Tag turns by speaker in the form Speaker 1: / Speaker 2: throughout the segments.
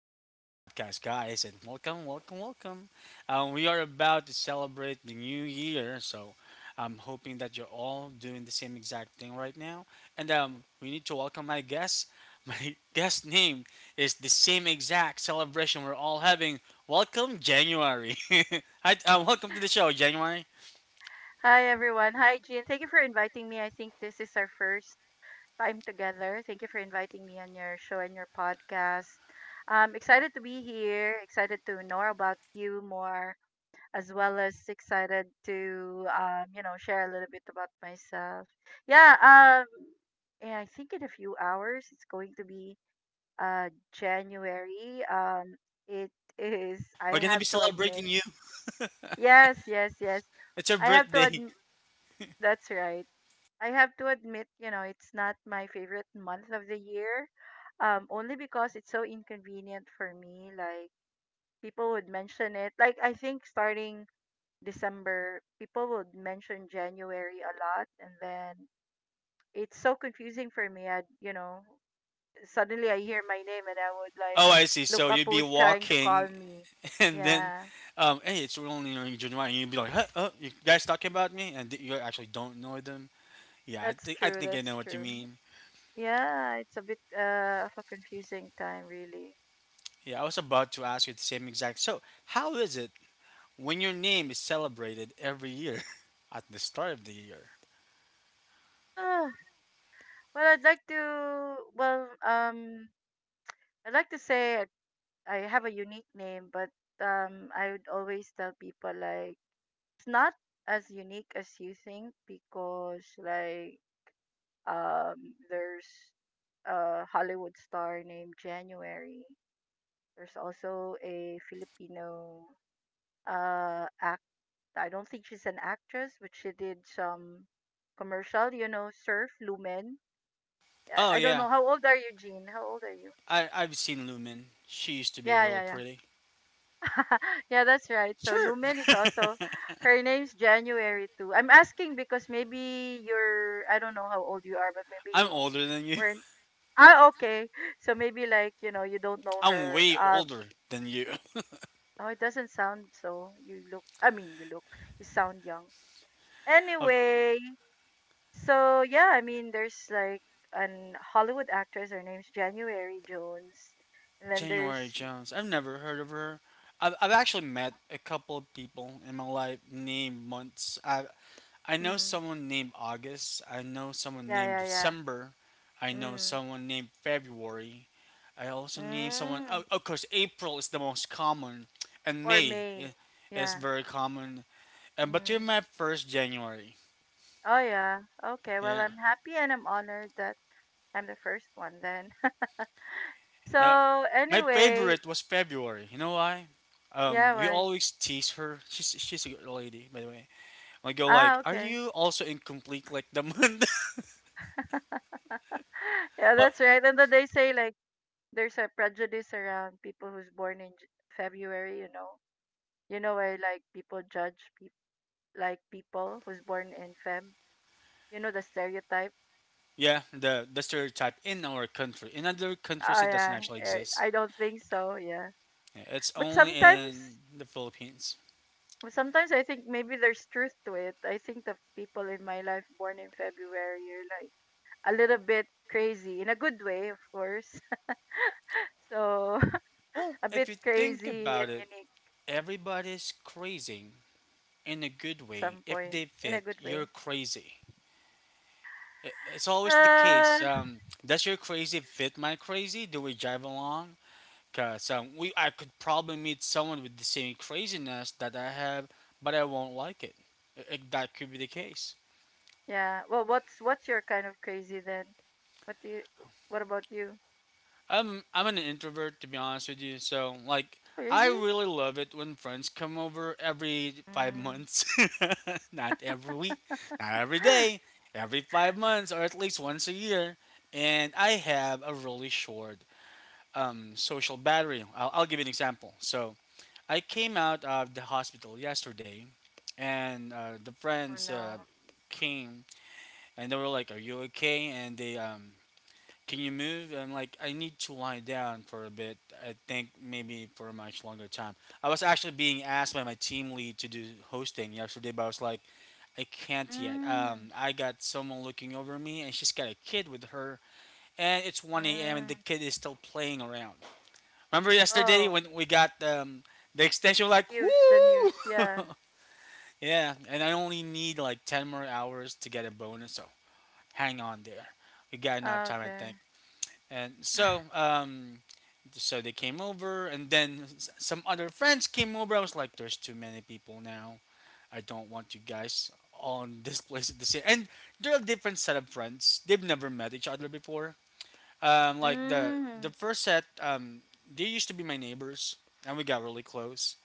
Speaker 1: Crazy Podcast, guys, and welcome, welcome, welcome. We are about to celebrate the new year, so I'm hoping that you're all doing the same exact thing right now. And We need to welcome my guest. My guest name is the same exact celebration we're all having. Welcome, January. Hi, welcome to the show, January.
Speaker 2: Hi, everyone. Hi, Jean. Thank you for inviting me. I think this is our first time together. Thank you for inviting me on your show and your podcast. I'm excited to be here, excited to know about you more, as well as excited to, you know, share a little bit about myself. Yeah, yeah, I think in a few hours it's going to be January. It is,
Speaker 1: Yeah,
Speaker 2: I
Speaker 1: we're gonna be
Speaker 2: have to admit,
Speaker 1: celebrating you.
Speaker 2: yes, yes, yes.
Speaker 1: It's your
Speaker 2: I have to
Speaker 1: birthday.
Speaker 2: admit, that's right. I have to admit, you know, it's not my favorite month of the year. Only because it's so inconvenient for me. Like people would mention it. Like I think starting December, people would mention January a lot, and then it's so confusing for me. I, you know, suddenly I hear my name and I would like
Speaker 1: Oh, I see.
Speaker 2: look
Speaker 1: So
Speaker 2: up
Speaker 1: you'll be
Speaker 2: who's trying to call
Speaker 1: walking
Speaker 2: me.
Speaker 1: and then
Speaker 2: Yeah,
Speaker 1: um, hey, it's only in January, and you'd be like, huh, you guys talking about me, and you actually don't know them. Yeah, I
Speaker 2: that's
Speaker 1: think I
Speaker 2: true.
Speaker 1: think I know
Speaker 2: That's
Speaker 1: what you
Speaker 2: true.
Speaker 1: mean.
Speaker 2: Yeah, it's a bit of a confusing time, really.
Speaker 1: Yeah, I was about to ask you the same exact. So, how is it when your name is celebrated every year at the start of the year?
Speaker 2: Ah. Well, I'd like to. Well, I'd like to say I have a unique name, but I would always tell people like it's not as unique as you think because like there's a Hollywood star named January. There's also a Filipino act. I don't think she's an actress, but she did some commercial. You know, Surf Lumen.
Speaker 1: Oh
Speaker 2: I don't
Speaker 1: yeah,
Speaker 2: know how old are you, Jean? How old are you?
Speaker 1: I've seen Lumen. She used to be
Speaker 2: Yeah,
Speaker 1: really
Speaker 2: yeah, yeah.
Speaker 1: pretty.
Speaker 2: yeah, that's right. So
Speaker 1: Sure.
Speaker 2: Lumen is also her name's January too. I'm asking because maybe you're I don't know how old you are, but maybe
Speaker 1: I'm
Speaker 2: you
Speaker 1: older than you.
Speaker 2: weren't. Ah, okay. So maybe like, you know, you don't know
Speaker 1: I'm
Speaker 2: her.
Speaker 1: way
Speaker 2: Um
Speaker 1: older than you.
Speaker 2: oh it doesn't sound so you look I mean you look you sound young. Anyway, so yeah, I mean there's like an Hollywood actress, her name's January Jones. And then
Speaker 1: January
Speaker 2: there's
Speaker 1: Jones. I've never heard of her. I've actually met a couple of people in my life named months. I know
Speaker 2: mm,
Speaker 1: someone named August. I know someone named
Speaker 2: yeah, yeah,
Speaker 1: December. I
Speaker 2: yeah.
Speaker 1: know
Speaker 2: Mm.
Speaker 1: someone named February. I also named someone. Oh,
Speaker 2: Mm.
Speaker 1: of course, April is the most common, and
Speaker 2: Or May.
Speaker 1: Is
Speaker 2: Yeah.
Speaker 1: very common. And but you're
Speaker 2: Mm.
Speaker 1: my first January.
Speaker 2: Oh, yeah. Okay. Well,
Speaker 1: Yeah.
Speaker 2: I'm happy and I'm honored that I'm the first one then.
Speaker 1: Uh,
Speaker 2: So,
Speaker 1: my
Speaker 2: anyway,
Speaker 1: favorite was February. You know why?
Speaker 2: yeah,
Speaker 1: We
Speaker 2: why?
Speaker 1: always tease her. She's a good lady, by the way. I go like,
Speaker 2: Ah,
Speaker 1: are
Speaker 2: okay.
Speaker 1: you also incomplete like the month?
Speaker 2: yeah,
Speaker 1: Well,
Speaker 2: that's right. And then they say, like, there's a prejudice around people who's born in J- February, you know. You know, why? Like, people judge, peop like, people who's born in Feb. You know, the stereotype.
Speaker 1: yeah, the stereotype in our country. In other
Speaker 2: Oh,
Speaker 1: countries, it doesn't
Speaker 2: yeah.
Speaker 1: actually
Speaker 2: Eh,
Speaker 1: exist.
Speaker 2: I don't think so. Yeah.
Speaker 1: Yeah, it's
Speaker 2: But
Speaker 1: only
Speaker 2: sometimes.
Speaker 1: in the Philippines.
Speaker 2: Well, sometimes I think maybe there's truth to it. I think the people in my life born in February are like a little bit crazy in a good way, of course. So
Speaker 1: Well,
Speaker 2: a
Speaker 1: if
Speaker 2: bit
Speaker 1: you think
Speaker 2: crazy and
Speaker 1: about it,
Speaker 2: unique
Speaker 1: everybody's crazing in a good
Speaker 2: at
Speaker 1: way.
Speaker 2: some
Speaker 1: If
Speaker 2: point
Speaker 1: they
Speaker 2: in a
Speaker 1: fit,
Speaker 2: good
Speaker 1: you're
Speaker 2: way.
Speaker 1: crazy. It's always the
Speaker 2: Uh,
Speaker 1: case. Does your crazy fit my crazy? Do we jive along? Cause we I could probably meet someone with the same craziness that I have, but I won't like it. That could be the case.
Speaker 2: yeah. Well, what's your kind of crazy then? What do you? What about you?
Speaker 1: I'm an introvert to be honest with you, so like
Speaker 2: Oh,
Speaker 1: I
Speaker 2: really?
Speaker 1: really love it when friends come over every five
Speaker 2: Mm.
Speaker 1: months, not every week, not every day, every 5 months or at least once a year. And I have a really short social battery. I'll give you an example. So I came out of the hospital yesterday, and uh, the
Speaker 2: Oh
Speaker 1: friends uh,
Speaker 2: no.
Speaker 1: came and they were like, "Are you okay?" And, "Can you move?" And I'm like, "I need to lie down for a bit. I think maybe for a much longer time." I was actually being asked by my team lead to do hosting yesterday, but I was like, "I can't yet.
Speaker 2: Mm.
Speaker 1: I got someone looking over me, and she's got a kid with her, and it's 1 a.m. and
Speaker 2: Mm.
Speaker 1: the kid is still playing around." Remember yesterday
Speaker 2: Oh,
Speaker 1: when we got the extension? Like,
Speaker 2: the news.
Speaker 1: woo!
Speaker 2: Yeah.
Speaker 1: Yeah, and I only need like 10 more hours to get a bonus, so hang on there. We got enough time, I
Speaker 2: Okay.
Speaker 1: think. And so, um, so they came over, and then some other friends came over. I was like, there's too many people now. I don't want you guys on this place at the same. And they're a different set of friends. They've never met each other before. Like the
Speaker 2: Mm.
Speaker 1: first set; they used to be my neighbors, and we got really close.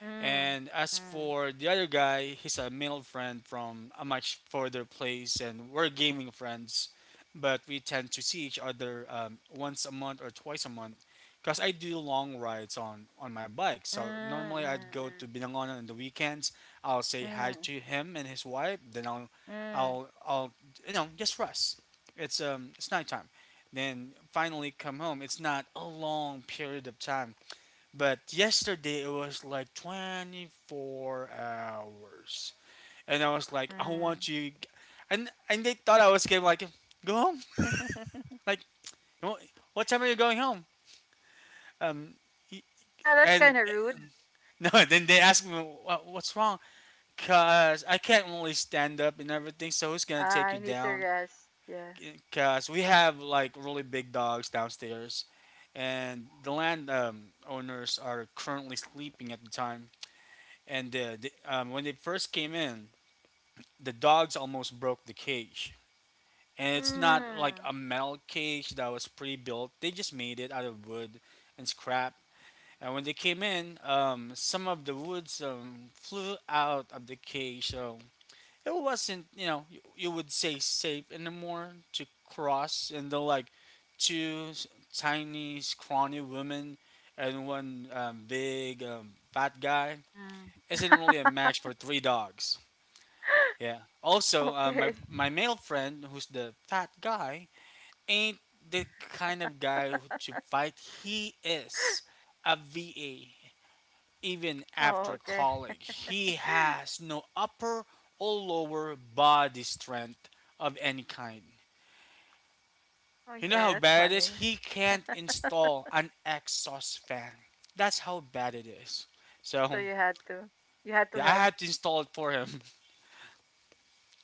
Speaker 2: Mm,
Speaker 1: And as
Speaker 2: mm,
Speaker 1: for the other guy, he's a male friend from a much further place, and we're gaming friends, but we tend to see each other once a month or twice a month because I do long rides on my bike.
Speaker 2: mm,
Speaker 1: So normally I'd go
Speaker 2: mm,
Speaker 1: to Binangonan on the weekends. I'll
Speaker 2: mm,
Speaker 1: say hi
Speaker 2: mm,
Speaker 1: to him and his wife. Then
Speaker 2: mm.
Speaker 1: I'll you know, just rest. It's nighttime. Then finally come home. It's not a long period of time but yesterday it was like 24 hours. And I was like, I
Speaker 2: Mm.
Speaker 1: want you. And they thought I was gonna like, go home. Like, "Wha- what time are you going home? Um, y-
Speaker 2: Yeah, that's
Speaker 1: and
Speaker 2: kind of rude.
Speaker 1: No, then they asked me, "Wha- what's wrong? Cause I can't really stand up and everything. So who's gonna take you
Speaker 2: I need to
Speaker 1: down?
Speaker 2: rest. Yeah.
Speaker 1: Cause we have like really big dogs downstairs, and the land owners are currently sleeping at the time. When they first came in, the dogs almost broke the cage. And it's not like
Speaker 2: Mm,
Speaker 1: a metal cage that was pre-built. They just made it out of wood and scrap. And when they came in, some of the woods flew out of the cage. So it wasn't, you know, you would say safe anymore to cross. And they're like two tiny, scrawny women and one big fat guy.
Speaker 2: mm.
Speaker 1: Isn't really a match for three dogs. Yeah. Also, uh, my
Speaker 2: Okay.
Speaker 1: my male friend, who's the fat guy, ain't the kind of guy who to fight. He is a VA. Even
Speaker 2: Oh,
Speaker 1: after
Speaker 2: okay.
Speaker 1: college, he has no upper or lower body strength of any kind. You know
Speaker 2: Okay,
Speaker 1: how
Speaker 2: that's
Speaker 1: bad it is?
Speaker 2: funny.
Speaker 1: He can't install an exhaust fan. That's how bad it is.
Speaker 2: So
Speaker 1: So
Speaker 2: you had to, you had to
Speaker 1: yeah, I
Speaker 2: help.
Speaker 1: had to install it for him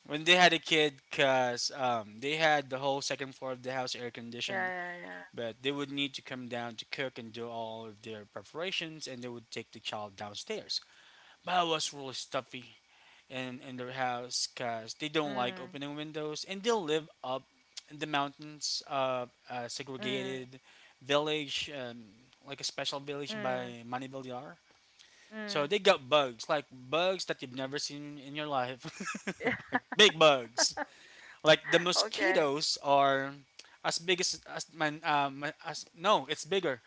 Speaker 1: when they had a kid because they had the whole second floor of the house air
Speaker 2: Yeah,
Speaker 1: conditioned,
Speaker 2: yeah, yeah.
Speaker 1: but they would need to come down to cook and do all of their preparations and they would take the child downstairs, but it was really stuffy in their house because they don't like
Speaker 2: Mm,
Speaker 1: opening windows and they live up in the mountains, a
Speaker 2: mm,
Speaker 1: segregated village, like a special village
Speaker 2: mm,
Speaker 1: by Manivillar. So
Speaker 2: mm.
Speaker 1: they got bugs, like bugs that you've never seen in your life,
Speaker 2: Yeah.
Speaker 1: like big bugs. Like the
Speaker 2: Okay.
Speaker 1: mosquitoes are as big as no, it's bigger.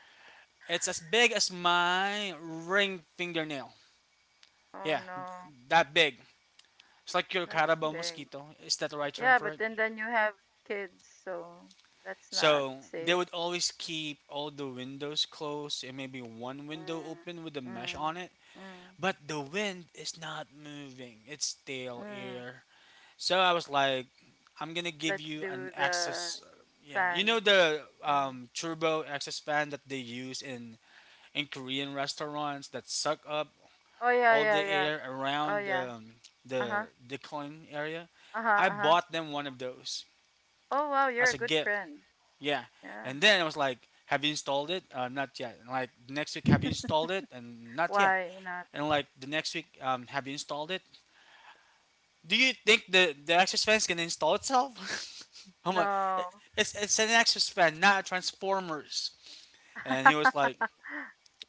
Speaker 1: It's as big as my ring fingernail.
Speaker 2: Oh
Speaker 1: Yeah,
Speaker 2: no,
Speaker 1: that big. It's like your
Speaker 2: that's
Speaker 1: carabao
Speaker 2: big.
Speaker 1: mosquito. Is that the right term
Speaker 2: Yeah,
Speaker 1: for
Speaker 2: but
Speaker 1: it?
Speaker 2: and then you have kids, so that's not
Speaker 1: So they
Speaker 2: safe.
Speaker 1: would always keep all the windows closed and maybe one window
Speaker 2: Mm,
Speaker 1: open with a mesh on
Speaker 2: mm,
Speaker 1: it.
Speaker 2: mm,
Speaker 1: But the wind is not moving. It's stale
Speaker 2: mm.
Speaker 1: air. So I was like, I'm gonna give
Speaker 2: Let's
Speaker 1: you an
Speaker 2: do the
Speaker 1: access. Yeah, you
Speaker 2: fan.
Speaker 1: know the
Speaker 2: Mhm.
Speaker 1: um, turbo access fan that they use in Korean restaurants that suck up
Speaker 2: Oh yeah,
Speaker 1: all
Speaker 2: yeah,
Speaker 1: the
Speaker 2: yeah.
Speaker 1: air
Speaker 2: Oh
Speaker 1: around
Speaker 2: yeah.
Speaker 1: the
Speaker 2: Uh-huh.
Speaker 1: decline area.
Speaker 2: Uh-huh,
Speaker 1: I
Speaker 2: uh-huh.
Speaker 1: bought them one of those
Speaker 2: Oh wow, you're
Speaker 1: as
Speaker 2: a
Speaker 1: a
Speaker 2: good
Speaker 1: gift.
Speaker 2: friend.
Speaker 1: Yeah,
Speaker 2: Yeah.
Speaker 1: and then I was like, "Have you installed it? Not yet." And like the next week, "Have you installed it?" And not yet.
Speaker 2: Why not?
Speaker 1: And like the next week, "Have you installed it?" Do you think the access fan is gonna install itself? I'm like,
Speaker 2: No.
Speaker 1: it's an access fan, not a Transformers. And he was like,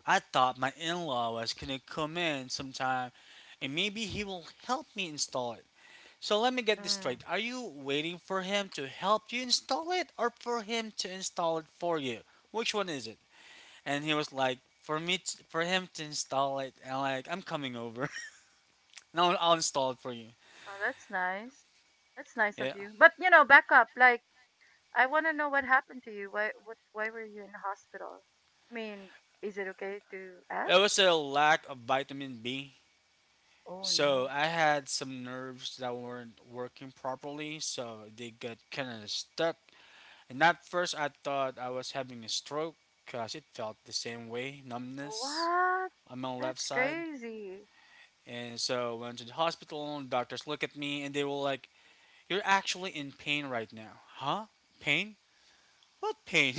Speaker 1: I thought my in-law was gonna come in sometime, and maybe he will help me install it. So let me get this
Speaker 2: Mm.
Speaker 1: straight: are you waiting for him to help you install it, or for him to install it for you? Which one is it? And he was like, for for him to install it, and I'm like, I'm coming over. No, I'll install it for you.
Speaker 2: Oh, that's nice. That's nice of
Speaker 1: Yeah.
Speaker 2: you. But you know, back up. Like, I want to know what happened to you. Why? What? Why were you in the hospital? I mean, is it okay to
Speaker 1: It
Speaker 2: ask?
Speaker 1: was a lack of vitamin B.
Speaker 2: Oh
Speaker 1: So
Speaker 2: no.
Speaker 1: I had some nerves that weren't working properly, so they got kind of stuck. And at first, I thought I was having a stroke because it felt the same way, numbness
Speaker 2: What?
Speaker 1: on my left
Speaker 2: That's
Speaker 1: side.
Speaker 2: crazy.
Speaker 1: And so I went to the hospital, and doctors looked at me and they were like, you're actually in pain right now. Huh? Pain? What pain?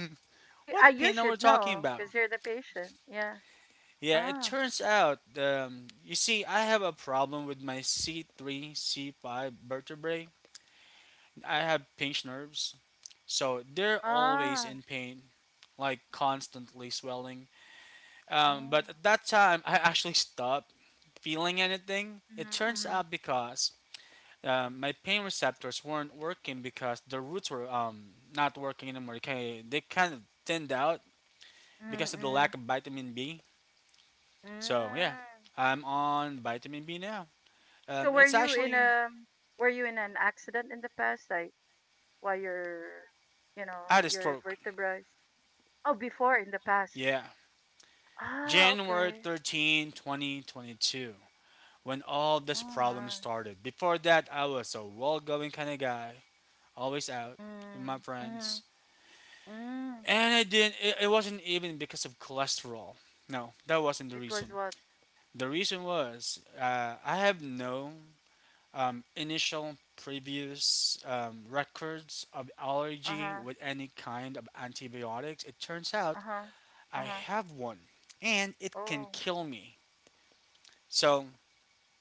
Speaker 2: You,
Speaker 1: What
Speaker 2: you
Speaker 1: pain are we
Speaker 2: should
Speaker 1: talking
Speaker 2: know
Speaker 1: about?
Speaker 2: because you're the patient. Yeah.
Speaker 1: Yeah, it
Speaker 2: Ah.
Speaker 1: turns out, you see, I have a problem with my C3 C5 vertebrae. I have pinched nerves, so they're always
Speaker 2: Ah.
Speaker 1: in pain, like constantly swelling.
Speaker 2: Mm.
Speaker 1: But at that time, I actually stopped feeling anything. It
Speaker 2: Mm-hmm,
Speaker 1: turns
Speaker 2: mm-hmm,
Speaker 1: out because my pain receptors weren't working because the roots were not working anymore. Okay, they kind of thinned out because of the
Speaker 2: mm-hmm,
Speaker 1: lack of vitamin B.
Speaker 2: mm-hmm.
Speaker 1: So yeah,
Speaker 2: Mm.
Speaker 1: I'm on vitamin B now.
Speaker 2: So were
Speaker 1: It's
Speaker 2: you in
Speaker 1: actually
Speaker 2: a were you in an accident in the past, like while your you
Speaker 1: I
Speaker 2: know
Speaker 1: had a
Speaker 2: your
Speaker 1: stroke.
Speaker 2: vertebrae? Oh, before in the past.
Speaker 1: Yeah,
Speaker 2: Ah, okay.
Speaker 1: January 13, 2022, when all
Speaker 2: Oh,
Speaker 1: this problem
Speaker 2: wow.
Speaker 1: started. Before that, I was a well going kind of guy, always out with my
Speaker 2: Mm, mm,
Speaker 1: friends.
Speaker 2: mm.
Speaker 1: And I didn't, it wasn't even because of cholesterol. No, that wasn't the
Speaker 2: It was
Speaker 1: reason.
Speaker 2: what?
Speaker 1: The reason was I have no initial previous records of
Speaker 2: Uh
Speaker 1: allergy
Speaker 2: huh.
Speaker 1: with any kind of antibiotics. It turns
Speaker 2: Uh
Speaker 1: out
Speaker 2: huh. Uh
Speaker 1: I
Speaker 2: huh.
Speaker 1: have one and it can
Speaker 2: Oh.
Speaker 1: kill me. So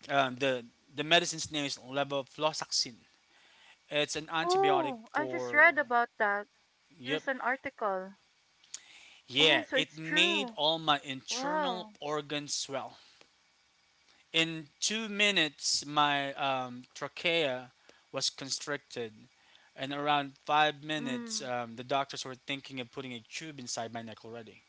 Speaker 1: um, the the medicine's name is levofloxacin. It's an antibiotic
Speaker 2: Oh, I just
Speaker 1: for,
Speaker 2: read about that.
Speaker 1: yep.
Speaker 2: There's an article.
Speaker 1: Yeah,
Speaker 2: Oh, so
Speaker 1: it
Speaker 2: it's
Speaker 1: made
Speaker 2: true.
Speaker 1: all my internal
Speaker 2: Wow.
Speaker 1: organs swell. In 2 minutes my trachea was constricted and around 5 minutes
Speaker 2: Mm.
Speaker 1: the doctors were thinking of putting a tube inside my neck already.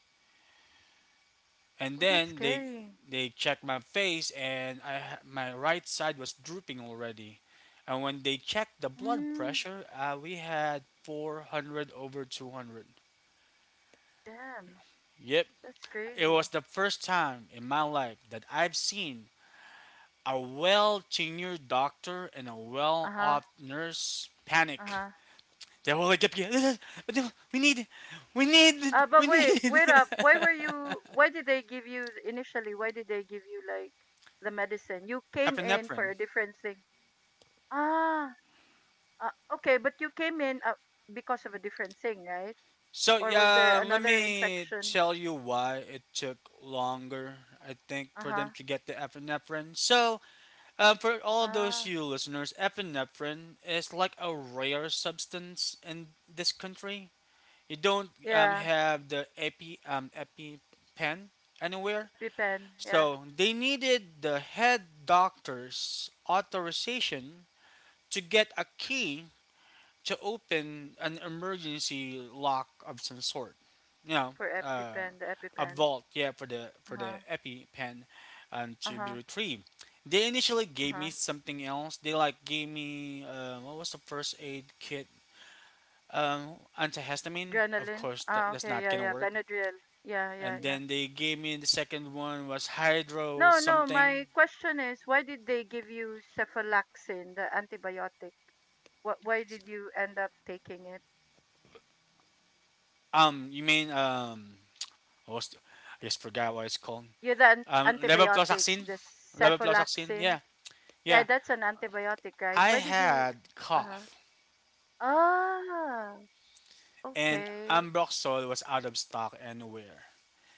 Speaker 1: And
Speaker 2: Oh, that's
Speaker 1: then they
Speaker 2: scary.
Speaker 1: they checked my face and my right side was drooping already. And when they checked the blood
Speaker 2: Mm.
Speaker 1: pressure, we had 400 over 200.
Speaker 2: Damn.
Speaker 1: Yep.
Speaker 2: That's
Speaker 1: It
Speaker 2: crazy.
Speaker 1: was the first time in my life that I've seen a well tenured doctor and a
Speaker 2: Uh
Speaker 1: well off
Speaker 2: huh.
Speaker 1: nurse
Speaker 2: Uh
Speaker 1: panic.
Speaker 2: huh.
Speaker 1: They were like, we need,
Speaker 2: But
Speaker 1: we
Speaker 2: wait,
Speaker 1: need
Speaker 2: wait up. Why were you? Why did they give you initially? Why did they give you like the medicine? You came in for
Speaker 1: epinephrine.
Speaker 2: a different thing. Ah. Okay, but you came in because of a different thing, right?
Speaker 1: So,
Speaker 2: Or was there
Speaker 1: yeah, let
Speaker 2: another
Speaker 1: me
Speaker 2: infection?
Speaker 1: tell you why it took longer, I think,
Speaker 2: Uh
Speaker 1: for
Speaker 2: huh.
Speaker 1: them to get the epinephrine. So, for all those
Speaker 2: Ah.
Speaker 1: you listeners, epinephrine is like a rare substance in this country. You don't
Speaker 2: Yeah.
Speaker 1: have the epi epi pen anywhere,
Speaker 2: EpiPen. Yeah.
Speaker 1: so they needed the head doctor's authorization to get a key to open an emergency lock of some sort, you know,
Speaker 2: For
Speaker 1: uh,
Speaker 2: EpiPen, the
Speaker 1: a
Speaker 2: EpiPen.
Speaker 1: vault, yeah,
Speaker 2: Uh
Speaker 1: for
Speaker 2: huh.
Speaker 1: the epi pen
Speaker 2: Uh
Speaker 1: to be
Speaker 2: huh.
Speaker 1: retrieved. They initially
Speaker 2: Uh
Speaker 1: gave me
Speaker 2: huh.
Speaker 1: something else. They like gave me, what was the first aid kit, antihistamine. Of
Speaker 2: Adrenaline?
Speaker 1: course that,
Speaker 2: Ah,
Speaker 1: that's
Speaker 2: okay,
Speaker 1: not
Speaker 2: yeah,
Speaker 1: gonna
Speaker 2: yeah.
Speaker 1: work.
Speaker 2: Benadryl. Yeah, yeah,
Speaker 1: And
Speaker 2: yeah.
Speaker 1: then they gave me the second one, was hydro
Speaker 2: No, no, my
Speaker 1: something.
Speaker 2: question is why did they give you cephalaxin, the antibiotic? What, why did you end up taking it?
Speaker 1: You mean what was I just forgot what it's called.
Speaker 2: Yeah, antibiotic,
Speaker 1: Levofloxacin.
Speaker 2: the
Speaker 1: Levofloxacin.
Speaker 2: cephalaxin.
Speaker 1: Yeah,
Speaker 2: Yeah,
Speaker 1: yeah.
Speaker 2: that's an antibiotic, right?
Speaker 1: I
Speaker 2: Why did you
Speaker 1: had
Speaker 2: uh
Speaker 1: cough,
Speaker 2: ah,
Speaker 1: and
Speaker 2: okay.
Speaker 1: Ambroxol was out of stock anywhere.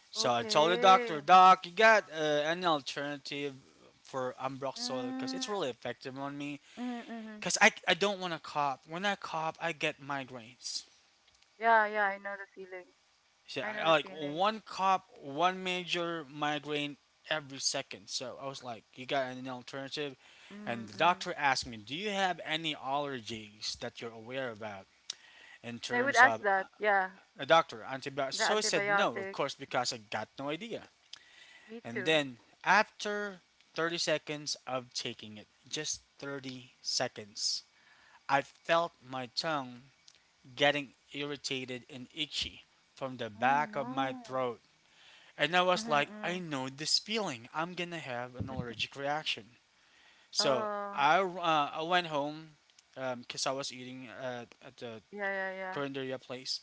Speaker 1: So I told the
Speaker 2: Okay.
Speaker 1: doctor, Doc, you got any alternative for Ambroxol? Because
Speaker 2: Mm.
Speaker 1: it's really effective on me.
Speaker 2: Mm-hmm, mm-hmm.
Speaker 1: Because I don't want to cough. When I cough, I get migraines.
Speaker 2: Yeah, yeah, I know the feeling.
Speaker 1: So
Speaker 2: I know
Speaker 1: I,
Speaker 2: the
Speaker 1: like
Speaker 2: feeling.
Speaker 1: one major migraine every second. So I was like, you got any alternative? And the
Speaker 2: Mm-mm.
Speaker 1: doctor asked me, do you have any allergies that you're aware about in
Speaker 2: Yeah, they would
Speaker 1: terms
Speaker 2: ask
Speaker 1: of
Speaker 2: that. Yeah.
Speaker 1: a doctor antibiotics?
Speaker 2: The
Speaker 1: So I said no, of
Speaker 2: antibiotic.
Speaker 1: course, because I got no idea.
Speaker 2: Me
Speaker 1: And
Speaker 2: too.
Speaker 1: then after 30 seconds of taking it, just 30 seconds, I felt my tongue getting irritated and itchy from the
Speaker 2: Oh
Speaker 1: back of my
Speaker 2: no.
Speaker 1: throat. And I
Speaker 2: Mm-hmm,
Speaker 1: was like, I
Speaker 2: mm-hmm.
Speaker 1: know this feeling. I'm gonna have an allergic reaction. So
Speaker 2: Oh,
Speaker 1: I went home because I was eating at the
Speaker 2: yeah, yeah, yeah.
Speaker 1: Corinderia place,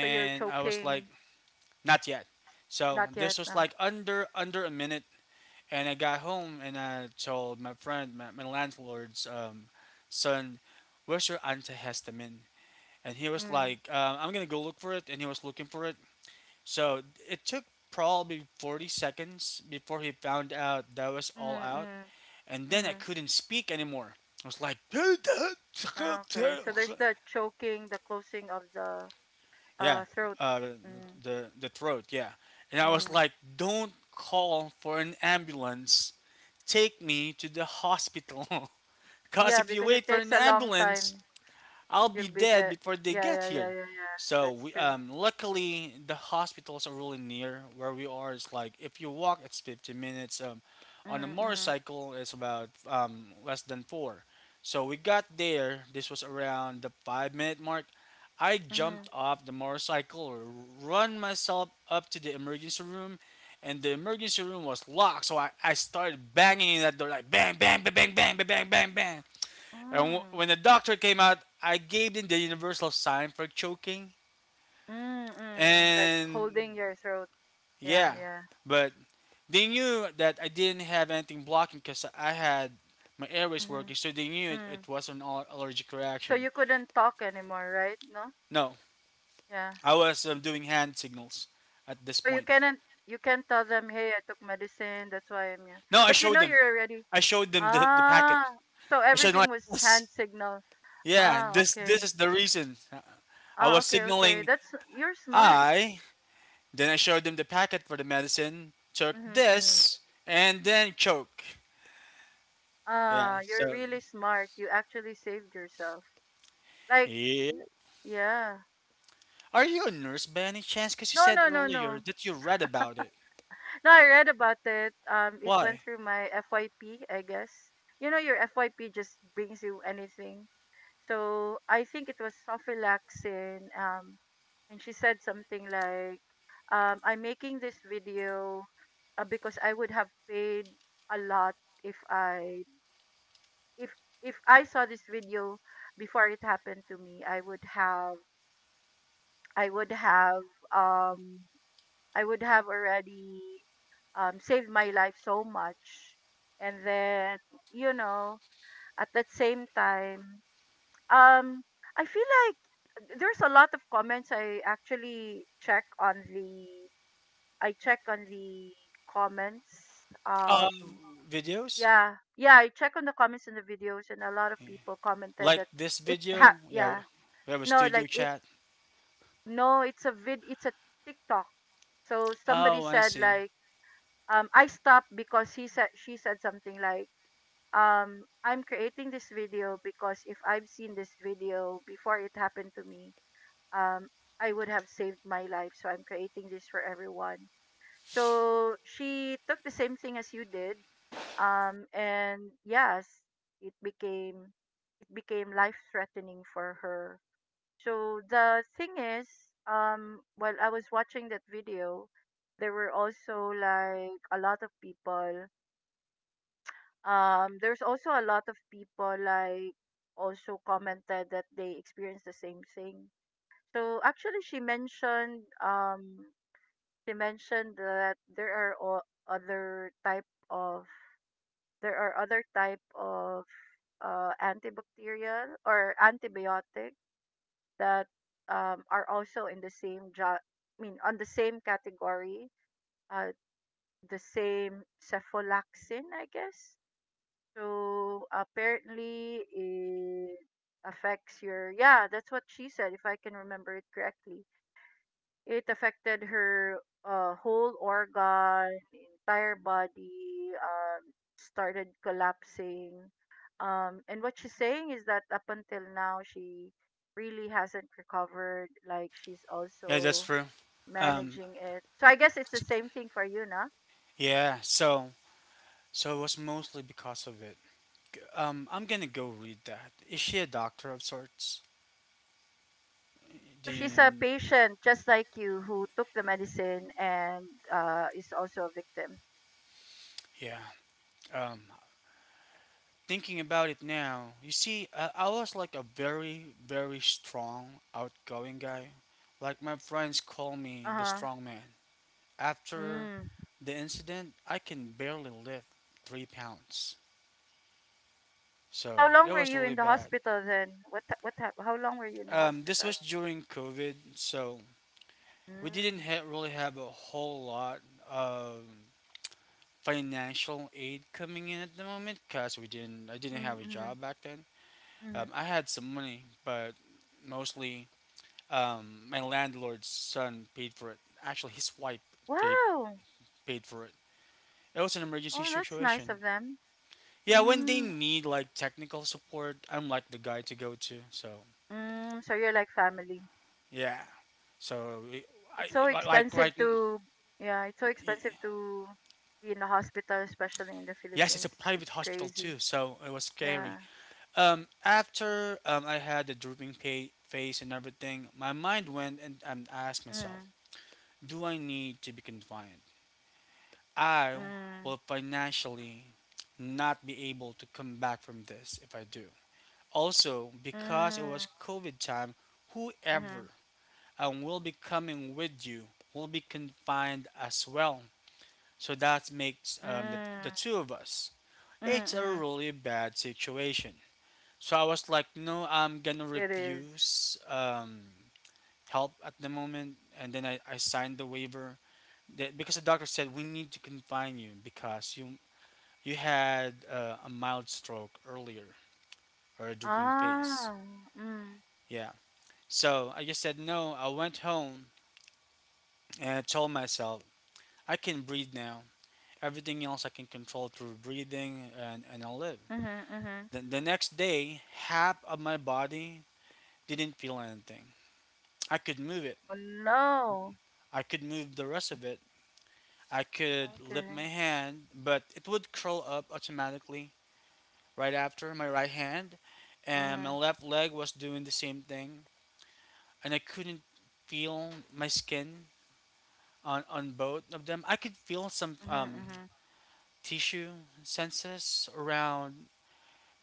Speaker 2: So you're
Speaker 1: I was like,
Speaker 2: choking.
Speaker 1: not yet. So
Speaker 2: Not yet.
Speaker 1: this was
Speaker 2: No.
Speaker 1: like under a minute, and I got home and I told my friend, my landlord's son, "Where's your antihistamine?" And he was
Speaker 2: Mm.
Speaker 1: like, "I'm gonna go look for it," and he was looking for it. So it took probably 40 seconds before he found out that was all
Speaker 2: Mm-hmm,
Speaker 1: out.
Speaker 2: mm-hmm,
Speaker 1: And then I
Speaker 2: mm-hmm.
Speaker 1: couldn't speak anymore. I was like,
Speaker 2: Okay. So there's the choking, the closing of the
Speaker 1: yeah,
Speaker 2: throat.
Speaker 1: uh,
Speaker 2: Mm.
Speaker 1: the throat, yeah. And I was
Speaker 2: Mm.
Speaker 1: like, don't call for an ambulance. Take me to the hospital. Because
Speaker 2: Yeah,
Speaker 1: if you
Speaker 2: because it
Speaker 1: wait for
Speaker 2: takes
Speaker 1: an
Speaker 2: a long
Speaker 1: ambulance,
Speaker 2: time.
Speaker 1: I'll be
Speaker 2: You'll be
Speaker 1: dead
Speaker 2: the
Speaker 1: before they
Speaker 2: yeah,
Speaker 1: get
Speaker 2: yeah, yeah, yeah,
Speaker 1: here.
Speaker 2: yeah.
Speaker 1: So
Speaker 2: That's
Speaker 1: we,
Speaker 2: true.
Speaker 1: luckily the hospitals are really near where we are. It's like if you walk, it's 50 minutes. On a
Speaker 2: Mm-hmm, mm-hmm,
Speaker 1: motorcycle, it's about less than four. So we got there. This was around the 5 minute mark. I
Speaker 2: mm-hmm.
Speaker 1: jumped off the motorcycle, run myself up to the emergency room, and the emergency room was locked. So I started banging in that door like bang, bang, bang, bang, bang, bang, bang, bang, bang. And
Speaker 2: Mm.
Speaker 1: when the doctor came out, I gave him the universal sign for choking.
Speaker 2: Mm-hmm. Like
Speaker 1: And
Speaker 2: holding your throat. Yeah,
Speaker 1: yeah,
Speaker 2: yeah.
Speaker 1: but they knew that I didn't have anything blocking because I had my airways working,
Speaker 2: Mm-hmm.
Speaker 1: so they knew
Speaker 2: Mm.
Speaker 1: it was an allergic
Speaker 2: So
Speaker 1: reaction.
Speaker 2: you couldn't talk anymore, right? No?
Speaker 1: No,
Speaker 2: Yeah.
Speaker 1: I was doing hand signals at this
Speaker 2: So you
Speaker 1: point.
Speaker 2: cannot you can't tell them, "Hey, I took medicine, that's why I'm here."
Speaker 1: No, I
Speaker 2: But you know
Speaker 1: showed them.
Speaker 2: you're already
Speaker 1: I showed them the packet.
Speaker 2: ah. So
Speaker 1: I showed them
Speaker 2: everything
Speaker 1: like
Speaker 2: was
Speaker 1: this.
Speaker 2: hand signal.
Speaker 1: Yeah,
Speaker 2: Ah,
Speaker 1: this
Speaker 2: okay.
Speaker 1: is the reason. I
Speaker 2: Ah,
Speaker 1: was
Speaker 2: okay, okay.
Speaker 1: signaling,
Speaker 2: That's you're smart.
Speaker 1: I, then I showed them the packet for the medicine, took
Speaker 2: Mhm, mhm.
Speaker 1: this, and then choke. Yeah,
Speaker 2: Ah, you're
Speaker 1: so.
Speaker 2: really smart. You actually saved yourself. Like,
Speaker 1: Yeah.
Speaker 2: yeah.
Speaker 1: Are you a nurse by any chance? Because you
Speaker 2: No,
Speaker 1: said
Speaker 2: no, no,
Speaker 1: earlier
Speaker 2: no.
Speaker 1: that you read about it.
Speaker 2: No, I read about it. It went
Speaker 1: Why?
Speaker 2: through my FYP, I guess. You know, your FYP just brings you anything. So I think it was Sophie Laxin, and she said something like, "I'm making this video because I would have paid a lot if I if if I saw this video before it happened to me, I would have I would have um I would have already saved my life so much. And then, you know, at that same time, um, I feel like there's a lot of comments I actually check on the I check on the comments.
Speaker 1: Uh, Videos?
Speaker 2: Yeah, yeah, I check on the comments in the videos, and a lot of people commented
Speaker 1: Like
Speaker 2: that
Speaker 1: this
Speaker 2: it ha
Speaker 1: video? Yeah,
Speaker 2: yeah
Speaker 1: we have a
Speaker 2: no
Speaker 1: studio
Speaker 2: like it
Speaker 1: chat.
Speaker 2: no it's a vid it's a TikTok. So somebody
Speaker 1: Oh, I
Speaker 2: said
Speaker 1: see.
Speaker 2: like I stopped because he said she said something like I'm creating this video because if I've seen this video before it happened to me um I would have saved my life so I'm creating this for everyone so she took the same thing as you did and yes it became it became life threatening for her so the thing is while I was watching that video there were also like a lot of people there's also a lot of people like also commented that they experienced the same thing so actually she mentioned that there are other type of there are other type of antibacterial or antibiotic that are also in the same I mean on the same category uh, the same cephalaxin I guess. So apparently it affects your yeah, that's what she said if I can remember it correctly. It affected her whole organ, entire body, started collapsing. And what she's saying is that up until now she really hasn't recovered. Like she's
Speaker 1: Yeah, that's
Speaker 2: also
Speaker 1: true. Um,
Speaker 2: managing it. So I guess it's the same thing for you, na?
Speaker 1: yeah, so. So it was mostly because of it. I'm gonna go read that. Is she a doctor of sorts?
Speaker 2: No,
Speaker 1: Do
Speaker 2: she's a
Speaker 1: you?
Speaker 2: patient just like you who took the medicine and is also a victim.
Speaker 1: Yeah. Um, Thinking about it now, you see, I was like a very, very strong, outgoing guy. Like my friends call
Speaker 2: Uh
Speaker 1: me the
Speaker 2: huh.
Speaker 1: strong man. After
Speaker 2: Mm.
Speaker 1: the incident, I can barely lift 3 pounds.
Speaker 2: So how
Speaker 1: So
Speaker 2: long
Speaker 1: it
Speaker 2: were
Speaker 1: was
Speaker 2: you
Speaker 1: really
Speaker 2: in the
Speaker 1: bad.
Speaker 2: hospital then? How long were you in the
Speaker 1: This was
Speaker 2: hospital?
Speaker 1: during COVID, so we didn't
Speaker 2: Mm.
Speaker 1: ha- really have a whole lot of financial aid coming in at the moment, because we didn't. I didn't
Speaker 2: Mm,
Speaker 1: have a
Speaker 2: mm,
Speaker 1: job back then.
Speaker 2: mm.
Speaker 1: I had some money, but mostly, my landlord's son paid for it. Actually, his wife paid,
Speaker 2: Wow.
Speaker 1: paid for it. It was an emergency
Speaker 2: Oh, that's nice of
Speaker 1: situation.
Speaker 2: them.
Speaker 1: Yeah, when they
Speaker 2: Mm.
Speaker 1: need like technical support, I'm like the guy to go to. So
Speaker 2: Mm. So you're like family.
Speaker 1: yeah, so
Speaker 2: It's so
Speaker 1: I like
Speaker 2: expensive
Speaker 1: right.
Speaker 2: to yeah, it's so expensive to be in the hospital, especially in the
Speaker 1: Yes, it's a
Speaker 2: Philippines.
Speaker 1: private
Speaker 2: It's
Speaker 1: hospital
Speaker 2: crazy.
Speaker 1: too, so it was
Speaker 2: Yeah.
Speaker 1: scary. After I had the drooping face and everything, my mind went and asked myself,
Speaker 2: Mm.
Speaker 1: do I need to be confined? I
Speaker 2: Mm.
Speaker 1: will financially not be able to come back from this if I do. Also, because it was
Speaker 2: Mm.
Speaker 1: COVID time, whoever
Speaker 2: Mhm.
Speaker 1: and will be coming with you will be confined as well. So that makes the
Speaker 2: Mm.
Speaker 1: two of us.
Speaker 2: Mhm,
Speaker 1: It's a
Speaker 2: mhm.
Speaker 1: really bad situation. So I was like, no, I'm gonna
Speaker 2: It is.
Speaker 1: refuse help at the moment. And then I signed the waiver that, because the doctor said we need to confine you because you had a mild stroke earlier or a drooping face.
Speaker 2: Ah. Mm.
Speaker 1: Yeah. So I just said, no, I went home and I told myself, I can breathe now. Everything else I can control through breathing, and I'll live.
Speaker 2: Mhm, mhm.
Speaker 1: The next day, half of my body didn't feel anything. I could move it,
Speaker 2: Oh no.
Speaker 1: I could move the rest of it. I could lift
Speaker 2: Okay.
Speaker 1: my hand, but it would curl up automatically right after my right hand, and my
Speaker 2: Mhm,
Speaker 1: left leg was doing the same thing. And I couldn't feel my skin on both of them. I could feel some
Speaker 2: mhm, mhm.
Speaker 1: tissue senses around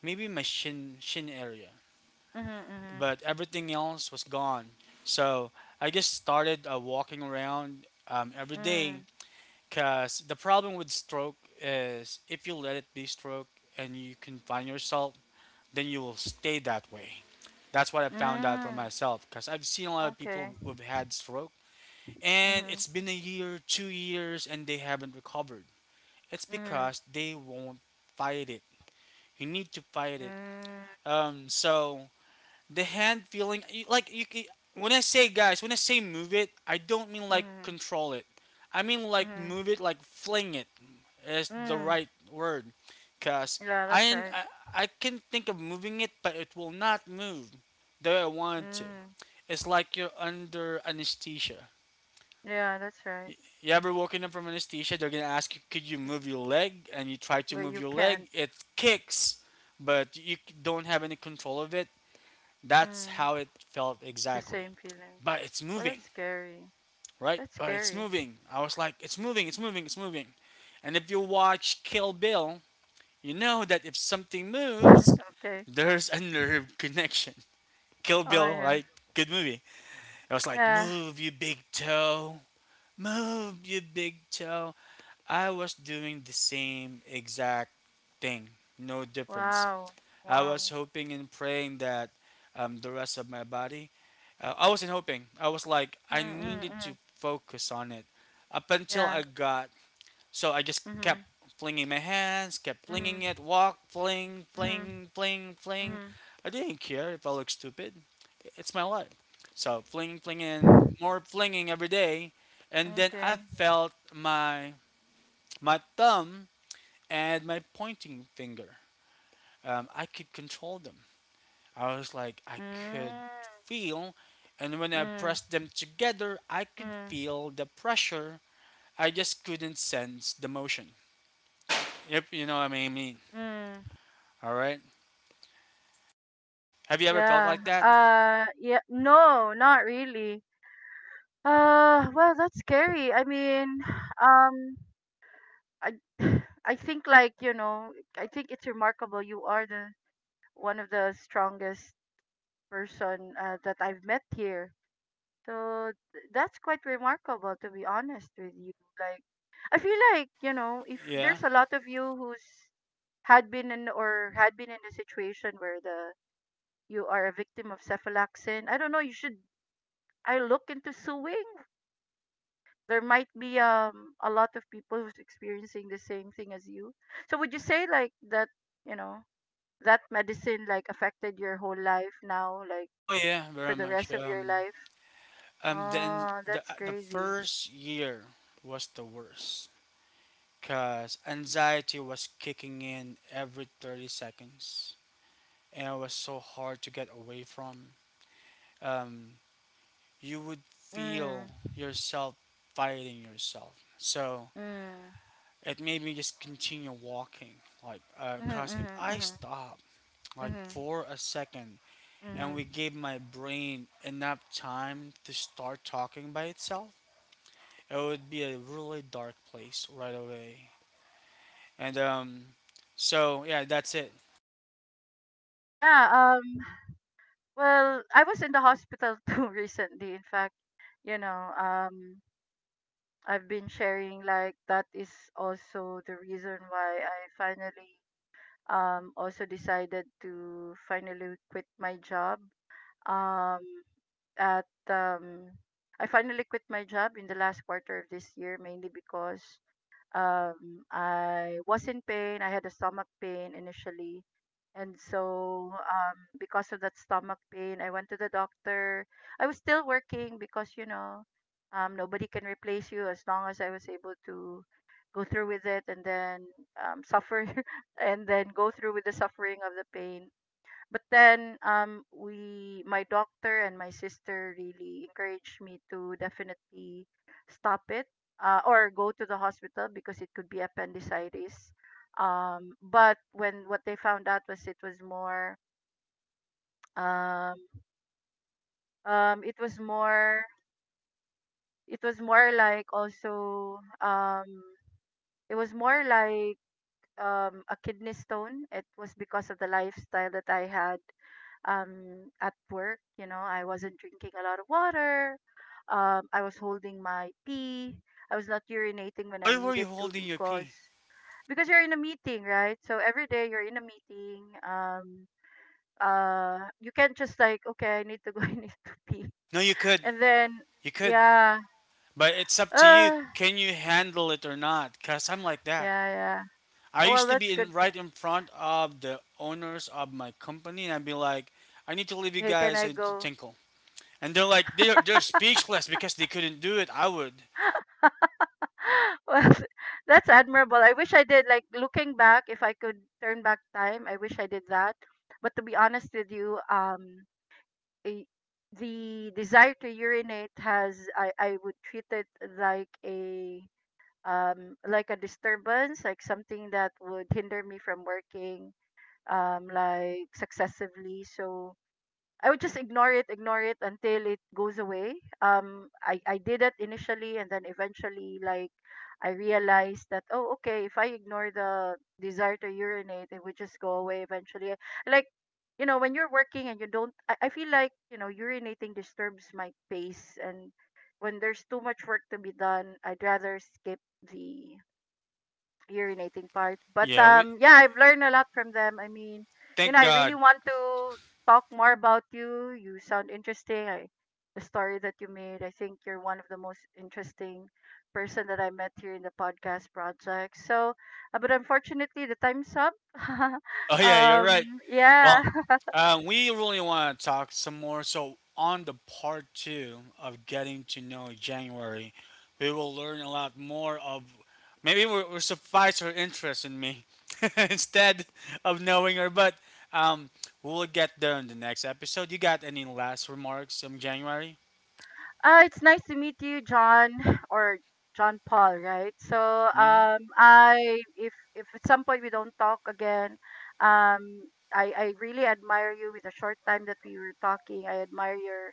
Speaker 1: maybe my shin area,
Speaker 2: Mhm, mhm.
Speaker 1: but everything else was gone. So I just started walking around every day,
Speaker 2: Mm.
Speaker 1: because the problem with stroke is if you let it be stroke and you confine yourself, then you will stay that way. That's what I found out for
Speaker 2: Mm.
Speaker 1: myself, because I've seen a lot of people
Speaker 2: Okay.
Speaker 1: who've had stroke. And
Speaker 2: Mhm,
Speaker 1: it's been a year, 2 years, and they haven't recovered. It's
Speaker 2: mhm.
Speaker 1: because they won't fight it. You need to fight it.
Speaker 2: Mm.
Speaker 1: So the hand feeling, like you, when I say guys, when I say move it, I don't mean like
Speaker 2: Mhm,
Speaker 1: control it. I mean like
Speaker 2: mhm.
Speaker 1: move it, like fling it is the
Speaker 2: Mm.
Speaker 1: right word, cause
Speaker 2: Yeah, that's
Speaker 1: I
Speaker 2: right.
Speaker 1: I, I can think of moving it, but it will not move the way I want it to.
Speaker 2: Mm.
Speaker 1: It's like you're under anesthesia.
Speaker 2: Yeah, that's right.
Speaker 1: You ever woken up from anesthesia? They're gonna ask you, "Could you
Speaker 2: Mm,
Speaker 1: move your leg?" And you try to
Speaker 2: but
Speaker 1: move
Speaker 2: you
Speaker 1: your leg.
Speaker 2: can't.
Speaker 1: It kicks, but you don't have any control of it. That's
Speaker 2: Mm.
Speaker 1: how it felt
Speaker 2: The
Speaker 1: exactly.
Speaker 2: same feeling.
Speaker 1: But it's
Speaker 2: Oh,
Speaker 1: moving,
Speaker 2: that's scary.
Speaker 1: right?
Speaker 2: That's
Speaker 1: But it's
Speaker 2: scary.
Speaker 1: moving. I was like, "It's moving! It's moving! It's moving!" And if you watch Kill Bill, you know that if something moves,
Speaker 2: Okay.
Speaker 1: there's a nerve connection. Kill
Speaker 2: Oh
Speaker 1: Bill,
Speaker 2: yeah.
Speaker 1: right? Good movie. It was like,
Speaker 2: Yeah.
Speaker 1: move, you big toe. Move, you big toe. I was doing the same exact thing, no difference.
Speaker 2: Wow,
Speaker 1: I was
Speaker 2: wow.
Speaker 1: hoping and praying that the rest of my body, I wasn't hoping. I was like,
Speaker 2: Mm,
Speaker 1: I
Speaker 2: mm,
Speaker 1: needed to
Speaker 2: mm.
Speaker 1: focus on it up until
Speaker 2: Yeah.
Speaker 1: I got, so I just
Speaker 2: Mm-hmm.
Speaker 1: kept flinging my hands, kept
Speaker 2: Mm-hmm.
Speaker 1: flinging it, walk, fling,
Speaker 2: Mm-hmm.
Speaker 1: fling, fling, fling.
Speaker 2: Mm-hmm.
Speaker 1: I didn't care if I looked stupid. It's my life. So flinging, flinging, more flinging every day. And then I
Speaker 2: Okay.
Speaker 1: felt my, my thumb and my pointing finger. I could control them. I was like, I could
Speaker 2: Mm,
Speaker 1: feel, and when I
Speaker 2: mm,
Speaker 1: pressed them together, I could
Speaker 2: mm,
Speaker 1: feel the pressure. I just couldn't sense the motion. Yep, you know what I mean.
Speaker 2: mm.
Speaker 1: All right. Have you ever felt
Speaker 2: Yeah.
Speaker 1: like that?
Speaker 2: Yeah. No, not really. Well, that's scary. I mean, um, I, I think like, you know, I think it's remarkable. You are the one of the strongest person that I've met here. So that's quite remarkable to be honest with you. Like, I feel like, you know, if
Speaker 1: Yeah.
Speaker 2: there's a lot of you who's had been in or had been in a situation where the you are a victim of cephalaxin, I don't know, you should I look into suing. There might be a lot of people who's experiencing the same thing as you. So would you say like that, you know, that medicine like affected your whole life now, like
Speaker 1: Oh yeah,
Speaker 2: for
Speaker 1: very
Speaker 2: the rest
Speaker 1: much.
Speaker 2: of your life?
Speaker 1: Then
Speaker 2: Oh, that's
Speaker 1: the
Speaker 2: crazy.
Speaker 1: first year was the worst because anxiety was kicking in every 30 seconds and it was so hard to get away from, um, you would
Speaker 2: Mm.
Speaker 1: feel yourself fighting yourself. So
Speaker 2: Mm.
Speaker 1: it made me just continue walking. Like,
Speaker 2: Mhm,
Speaker 1: cause if
Speaker 2: mhm,
Speaker 1: I
Speaker 2: mhm,
Speaker 1: stop like
Speaker 2: mhm,
Speaker 1: for a second and we
Speaker 2: mhm.
Speaker 1: gave my brain enough time to start talking by itself, it would be a really dark place right away. And so yeah, that's it.
Speaker 2: Yeah, well, I was in the hospital too recently. In fact, you know, I've been sharing like that is also the reason why I finally also decided to finally quit my job. Um at I finally quit my job in the last quarter of this year mainly because I was in pain. I had a stomach pain initially. And so, because of that stomach pain, I went to the doctor. I was still working because, you know, nobody can replace you as long as I was able to go through with it and then suffer and then go through with the suffering of the pain. But then we my doctor and my sister really encouraged me to definitely stop it, or go to the hospital because it could be appendicitis. But when what they found out was it was more um it was more it was more like also it was more like a kidney stone. It was because of the lifestyle that I had at work. You know, I wasn't drinking a lot of water, I was holding my pee, I was not urinating when I
Speaker 1: Why were you
Speaker 2: needed to
Speaker 1: holding your
Speaker 2: because
Speaker 1: pee?
Speaker 2: because you're in a meeting, right? So every day you're in a meeting, you can't just like, okay, I need to go, I need to pee
Speaker 1: No,
Speaker 2: and then
Speaker 1: you could,
Speaker 2: yeah
Speaker 1: but it's up to you.
Speaker 2: uh
Speaker 1: Can you handle it or not? Cause I'm like that.
Speaker 2: yeah, yeah.
Speaker 1: I
Speaker 2: Oh, well
Speaker 1: used to be
Speaker 2: that's good
Speaker 1: in
Speaker 2: for
Speaker 1: right in front of the owners of my company, and I'd be like, "I need to leave you
Speaker 2: hey can
Speaker 1: guys
Speaker 2: I
Speaker 1: and to
Speaker 2: go
Speaker 1: tinkle," and they're like, they're speechless because they couldn't do it." I would.
Speaker 2: well, that's admirable. I wish I did. Like looking back, if I could turn back time, I wish I did that. But to be honest with you, a, the desire to urinate has I would treat it like a like a disturbance, like something that would hinder me from working like successively. So I would just ignore it until it goes away. I did it initially, and then eventually, like, I realized that oh, okay, if I ignore the desire to urinate, it would just go away eventually. Like, you know, when you're working and you don't, I feel like, urinating disturbs my pace, and when there's too much work to be done, I'd rather skip the urinating part. But
Speaker 1: Yeah, we
Speaker 2: yeah, I've learned a lot from them. I mean, you
Speaker 1: thank
Speaker 2: know, I
Speaker 1: God.
Speaker 2: really want to talk more about you. You sound interesting. I The story that you made, I think you're one of the most interesting person that I met here in the podcast project. So, but unfortunately, the time's up.
Speaker 1: Oh yeah, you're
Speaker 2: um
Speaker 1: right.
Speaker 2: yeah.
Speaker 1: Well, we really want to talk some more. So, on the part two of getting to know January, we will learn a lot more of maybe we're suffice her interest in me instead of knowing her. But um, we'll get there in the next episode. You got any last remarks on January?
Speaker 2: It's nice to meet you, John or John Paul, right? So,
Speaker 1: Mm-hmm.
Speaker 2: I if at some point we don't talk again, um, I really admire you. With the short time that we were talking, I admire your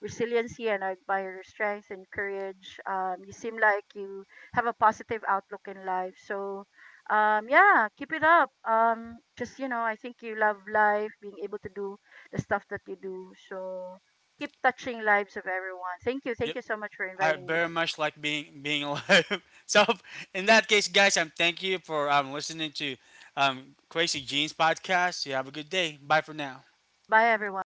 Speaker 2: resiliency and I admire your strength and courage. You seem like you have a positive outlook in life. So, yeah, keep it up. Just you know, I think you love life, being able to do the stuff that you do. So keep touching lives of everyone. Thank you. Thank
Speaker 1: Yep.
Speaker 2: you so much for
Speaker 1: I
Speaker 2: inviting me.
Speaker 1: very much like being alive. So in that case, guys, I'm thank you for listening to um, Crazy Jeans podcast. You have a good day. Bye for now.
Speaker 2: Bye, everyone.